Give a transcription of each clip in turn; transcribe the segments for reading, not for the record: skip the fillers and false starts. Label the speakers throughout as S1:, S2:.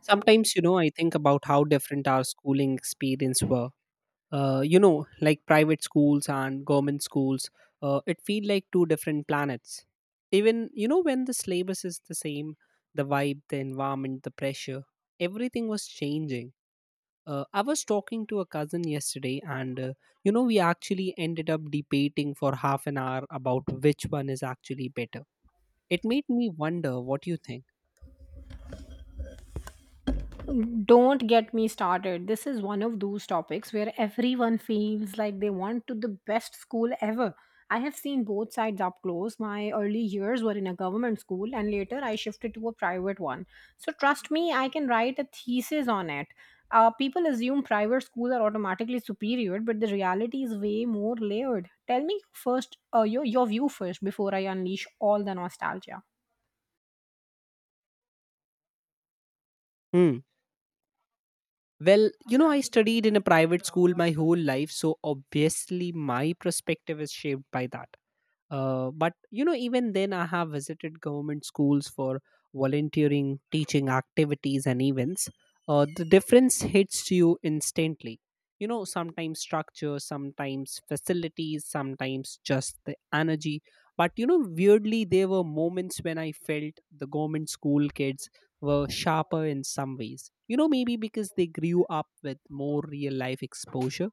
S1: Sometimes I think about how different our schooling experience were. Like private schools and government schools, it feel like two different planets. Even when the syllabus is the same, the vibe, the environment, the pressure, everything was changing. I was talking to a cousin yesterday, and we actually ended up debating for half an hour about which one is actually better. It made me wonder what you think.
S2: Don't get me started. This is one of those topics where everyone feels like they want to the best school ever. I have seen both sides up close. My early years were in a government school and later I shifted to a private one. So trust me, I can write a thesis on it. People assume private schools are automatically superior, but the reality is way more layered. Tell me first your view first before I unleash all the nostalgia.
S1: Hmm. Well I studied in a private school my whole life, so obviously my perspective is shaped by that. But even then I have visited government schools for volunteering, teaching activities, and events. The difference hits you instantly. Sometimes structure, sometimes facilities, sometimes just the energy. But you know Weirdly, there were moments when I felt the government school kids were sharper in some ways. Maybe because they grew up with more real life exposure.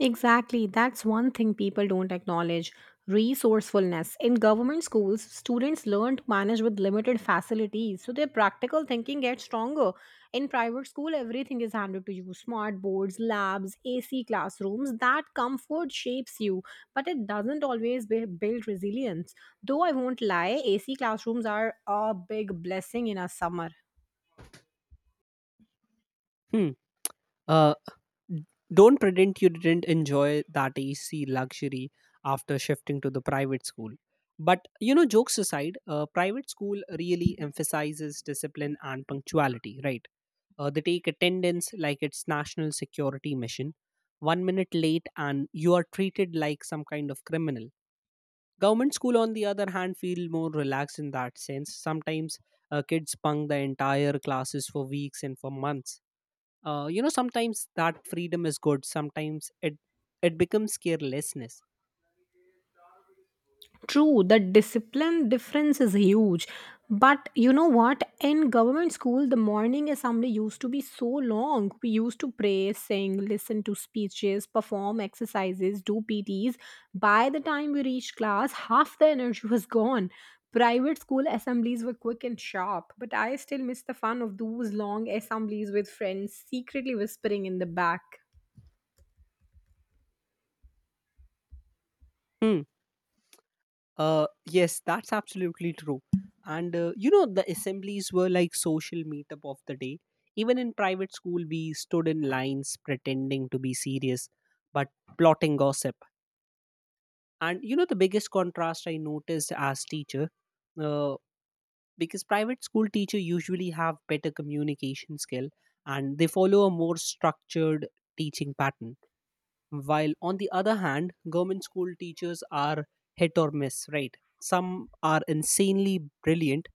S2: Exactly. That's one thing people don't acknowledge resourcefulness. In government schools, students learn to manage with limited facilities, so their practical thinking gets stronger. In private school, everything is handed to you smart boards, labs, AC classrooms. That comfort shapes you, but it doesn't always build resilience. Though I won't lie, AC classrooms are a big blessing in a summer.
S1: Hmm. Uh, Don't pretend you didn't enjoy that AC luxury after shifting to the private school. But jokes aside, private school really emphasizes discipline and punctuality, right? They take attendance like it's national security mission. 1 minute late and you are treated like some kind of criminal. Government school, on the other hand, feel more relaxed in that sense. Sometimes kids bunk the entire classes for weeks and for months. Sometimes that freedom is good, sometimes it becomes carelessness.
S2: True, the discipline difference is huge. But you know what? In government school, the morning assembly used to be so long. We used to pray, sing, listen to speeches, perform exercises, do PTs. By the time we reached class, half the energy was gone. Private school assemblies were quick and sharp, but I still miss the fun of those long assemblies with friends secretly whispering in the back.
S1: Hmm. Yes, that's absolutely true. And you know The assemblies were like social meetup of the day. Even in private school we stood in lines pretending to be serious, but plotting gossip. And the biggest contrast I noticed as teacher, uh, because private school teacher usually have better communication skill and they follow a more structured teaching pattern, while on the other hand government school teachers are hit or miss, right? Some are insanely brilliant,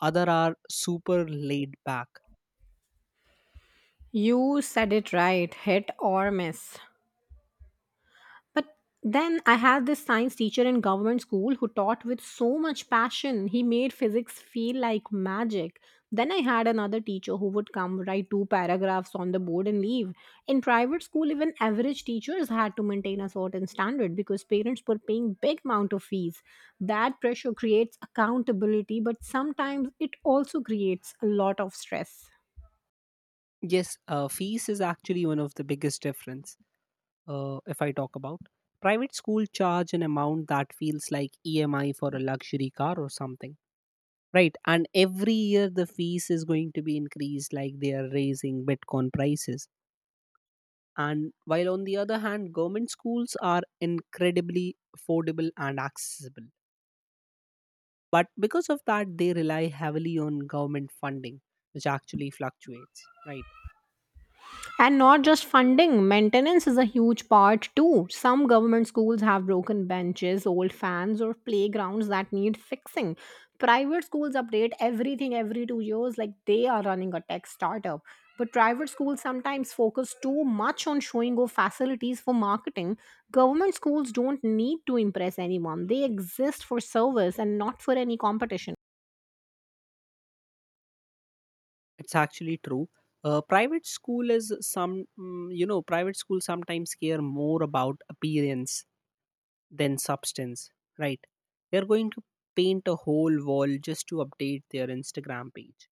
S1: other are super laid back.
S2: You said it right hit or miss. But then I had this science teacher in government school who taught with so much passion. He made physics feel like magic. Then I had another teacher who would come write two paragraphs on the board and leave. In private school, even average teachers had to maintain a certain standard because parents were paying big amount of fees. That pressure creates accountability, but sometimes it also creates a lot of stress.
S1: Yes, fees is actually one of the biggest difference. If I talk about, private school charge an amount that feels like EMI for a luxury car or something, right? And every year the fees is going to be increased like they are raising bitcoin prices. And while on the other hand, government schools are incredibly affordable and accessible, but because of that they rely heavily on government funding, which actually fluctuates, right?
S2: And not just funding, maintenance is a huge part too. Some government schools have broken benches, old fans, or playgrounds that need fixing. Private schools update everything every 2 years like they are running a tech startup. But private schools sometimes focus too much on showing off facilities for marketing. Government schools don't need to impress anyone, they exist for service and not for any competition.
S1: It's actually true. Private school is some mm, you know Private schools sometimes care more about appearance than substance, right? They're going to paint a whole wall just to update their Instagram page.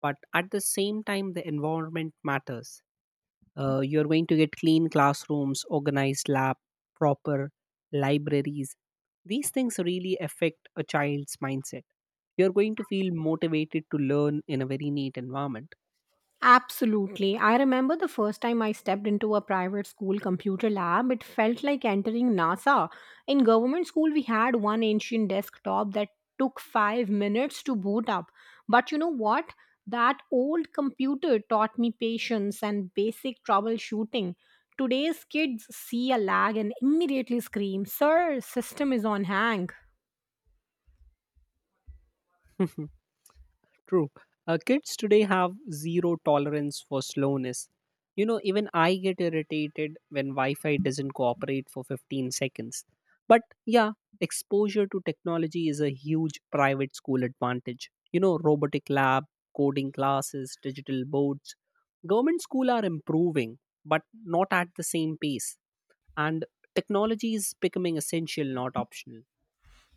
S1: But at the same time the environment matters. You're going to get clean classrooms, organized lab, proper libraries. These things really affect a child's mindset. You're going to feel motivated to learn in a very neat environment.
S2: Absolutely. I remember the first time I stepped into a private school computer lab, it felt like entering NASA. In government school, we had one ancient desktop that took 5 minutes to boot up. But you know what? That old computer taught me patience and basic troubleshooting. Today's kids see a lag and immediately scream, Sir, system is on hang.
S1: True. Kids today have zero tolerance for slowness. You know, even I get irritated when Wi Fi doesn't cooperate for 15 seconds. But yeah, exposure to technology is a huge private school advantage. Robotic lab, coding classes, digital boards. Government school are improving, but not at the same pace. And technology is becoming essential, not optional.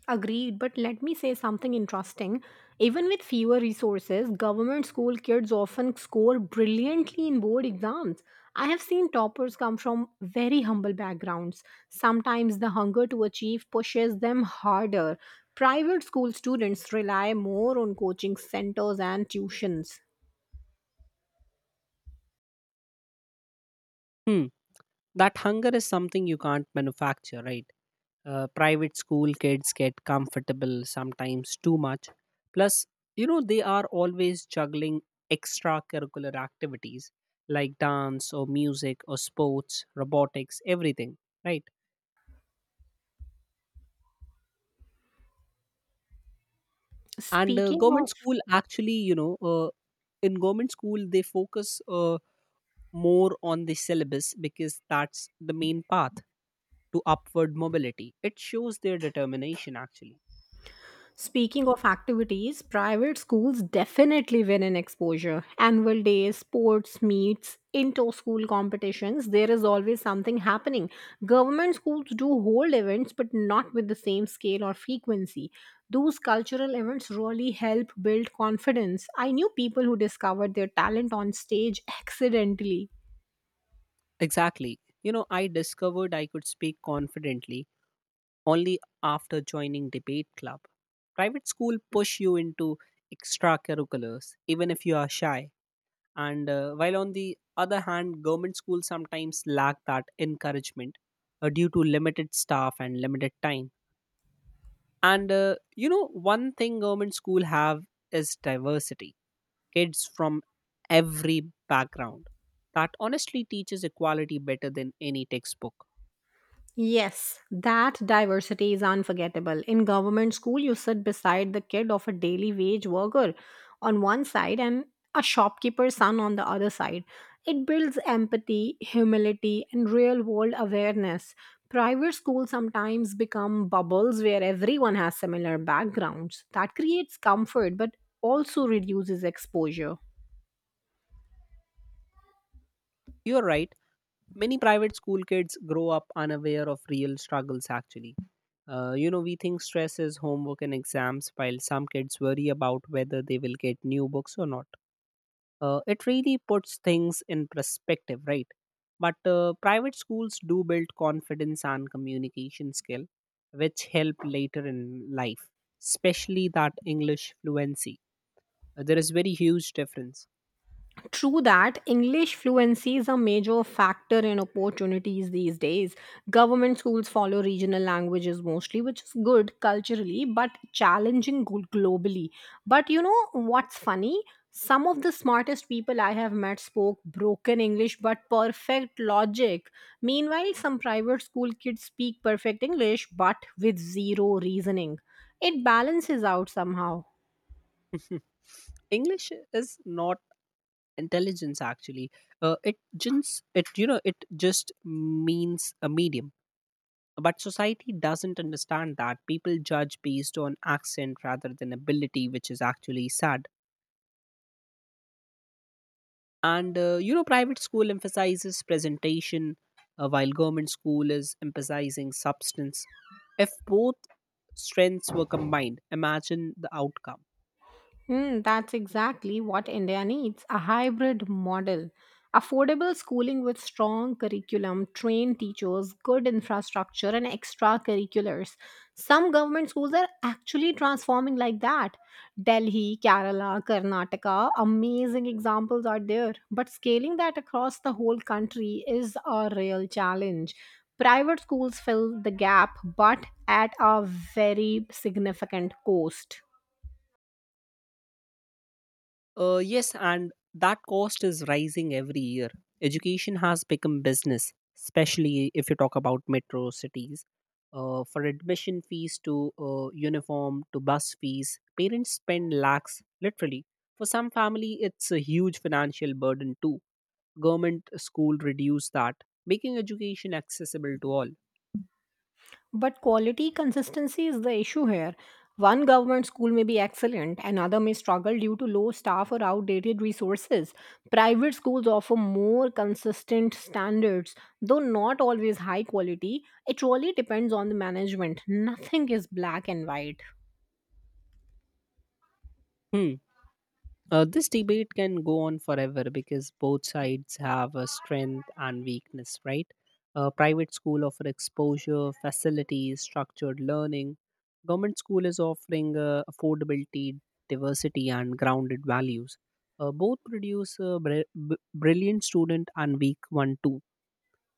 S2: Agreed, but let me say something interesting. Even with fewer resources, government school kids often score brilliantly in board exams. I have seen toppers come from very humble backgrounds. Sometimes the hunger to achieve pushes them harder. Private school students rely more on coaching centers and tuitions.
S1: Hmm. That hunger is something you can't manufacture, right? Private school kids get comfortable, sometimes too much. Plus, you know, they are always juggling extracurricular activities like dance, or music, or sports, robotics, everything, right? and
S2: Speaking
S1: government
S2: of
S1: school actually you know In government school they focus, more on the syllabus, because that's the main path to upward mobility. It shows their determination actually.
S2: Speaking of activities, private schools definitely win in exposure. Annual days, sports meets, inter school competitions, there is always something happening. Government schools do hold events, but not with the same scale or frequency. Those cultural events really help build confidence. I knew people who discovered their talent on stage accidentally.
S1: Exactly. I discovered I could speak confidently only after joining debate club. Private school push you into extracurriculars even if you are shy. And While on the other hand, government schools sometimes lack that encouragement, due to limited staff and limited time. One thing government school have is diversity. Kids from every background. That honestly teaches equality better than any textbook.
S2: Yes, that diversity is unforgettable. In government school, you sit beside the kid of a daily wage worker on one side and a shopkeeper's son on the other side. It builds empathy, humility, and real world awareness. Private schools sometimes become bubbles where everyone has similar backgrounds. That creates comfort but also reduces exposure.
S1: You're right. Many private school kids grow up unaware of real struggles, actually. We think stress is homework and exams, while some kids worry about whether they will get new books or not. It really puts things in perspective, right? But private schools do build confidence and communication skill, which help later in life, especially that English fluency. There is very huge difference.
S2: True that, English fluency is a major factor in opportunities these days. Government schools follow regional languages mostly, which is good culturally but challenging globally. But you know what's funny? Some of the smartest people I have met spoke broken English but perfect logic. Meanwhile, some private school kids speak perfect English but with zero reasoning. It balances out somehow.
S1: English is not intelligence actually. It just it you know it just means a medium. But society doesn't understand. That people judge based on accent rather than ability, which is actually sad. And you know Private school emphasizes presentation, while government school is emphasizing substance. If both strengths were combined, imagine the outcome.
S2: Hmm, that's exactly what India needs a hybrid model. Affordable schooling with strong curriculum, trained teachers, good infrastructure, and extracurriculars. Some government schools are actually transforming like that. Delhi, Kerala, Karnataka, amazing examples are there. But scaling that across the whole country is a real challenge. Private schools fill the gap, but at a very significant cost.
S1: Yes, and that cost is rising every year. Education has become business, especially if you talk about metro cities. For admission fees to uniform to bus fees, parents spend lakhs literally. For some family, it's a huge financial burden too. Government school reduce that, making education accessible to all.
S2: But quality consistency is the issue here. One government school may be excellent, another may struggle due to low staff or outdated resources. Private schools offer more consistent standards, though not always high quality. It really depends on the management. Nothing is black and white.
S1: Hmm. This debate can go on forever because both sides have a strength and weakness, right? A private school offer exposure, facilities, structured learning. Government school is offering affordability, diversity, and grounded values. Both produce a brilliant student and weak one too.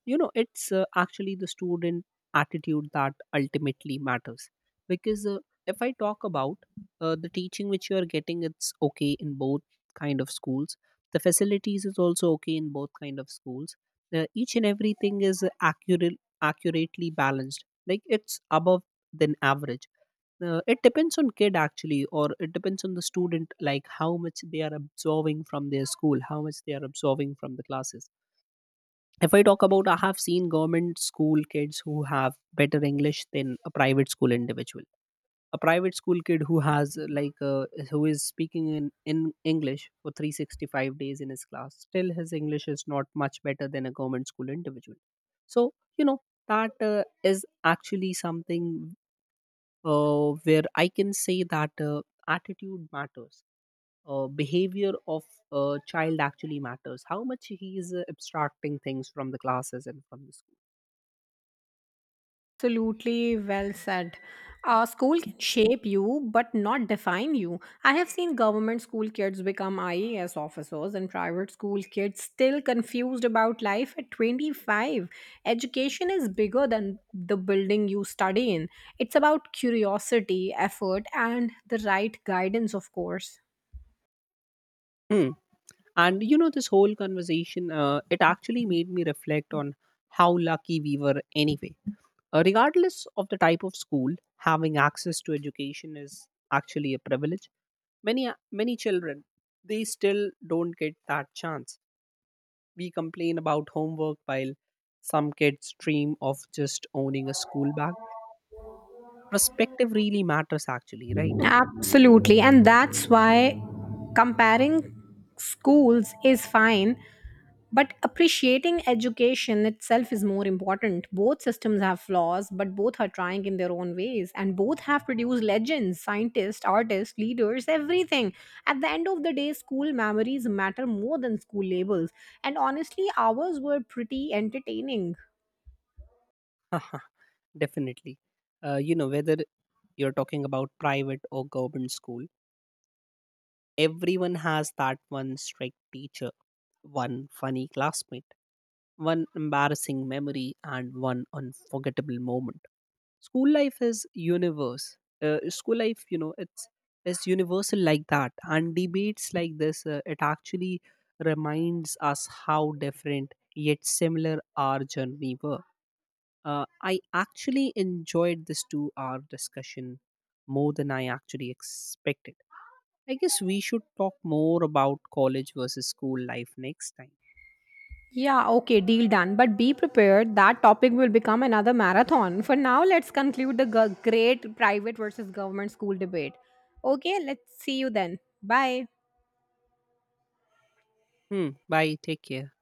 S1: It's actually the student attitude that ultimately matters. Because if I talk about the teaching which you are getting, it's okay in both kind of schools. The facilities is also okay in both kind of schools. Each and everything is accurate, accurately balanced, like it's above than average. It depends on kid actually, or it depends on the student, like how much they are absorbing from their school, how much they are absorbing from the classes. If I talk about, I have seen government school kids who have better English than a private school individual. A private school kid who has like who is speaking in English for 365 days in his class, still his English is not much better than a government school individual. So you know that is actually something where I can say that attitude matters. Behavior of a child actually matters, how much he is abstracting things from the classes and from the.
S2: Absolutely well said. School can shape you, but not define you. I have seen government school kids become IAS officers and private school kids still confused about life at 25. Education is bigger than the building you study in, it's about curiosity, effort, and the right guidance, of course.
S1: Hmm. And this whole conversation, it actually made me reflect on how lucky we were anyway. Regardless of the type of school, having access to education is actually a privilege. Many many children, they still don't get that chance. We complain about homework while some kids dream of just owning a school bag. Perspective really matters, actually, right?
S2: Absolutely. And that's why comparing schools is fine, but appreciating education itself is more important. Both systems have flaws, but both are trying in their own ways. And both have produced legends, scientists, artists, leaders, everything. At the end of the day, school memories matter more than school labels. And honestly, ours were pretty entertaining.
S1: Definitely. Whether you're talking about private or government school, everyone has that one strict teacher, one funny classmate, one embarrassing memory, and one unforgettable moment. School life is universe. School life it's universal like that, and debates like this, it actually reminds us how different yet similar our journey were. I actually enjoyed this 2-hour discussion more than I actually expected. I guess we should talk more about college versus school life next time.
S2: Yeah, okay, deal done. But be prepared, that topic will become another marathon. For now, let's conclude the great private versus government school debate. Okay, let's see you then. Bye.
S1: Hmm. Bye. Take care.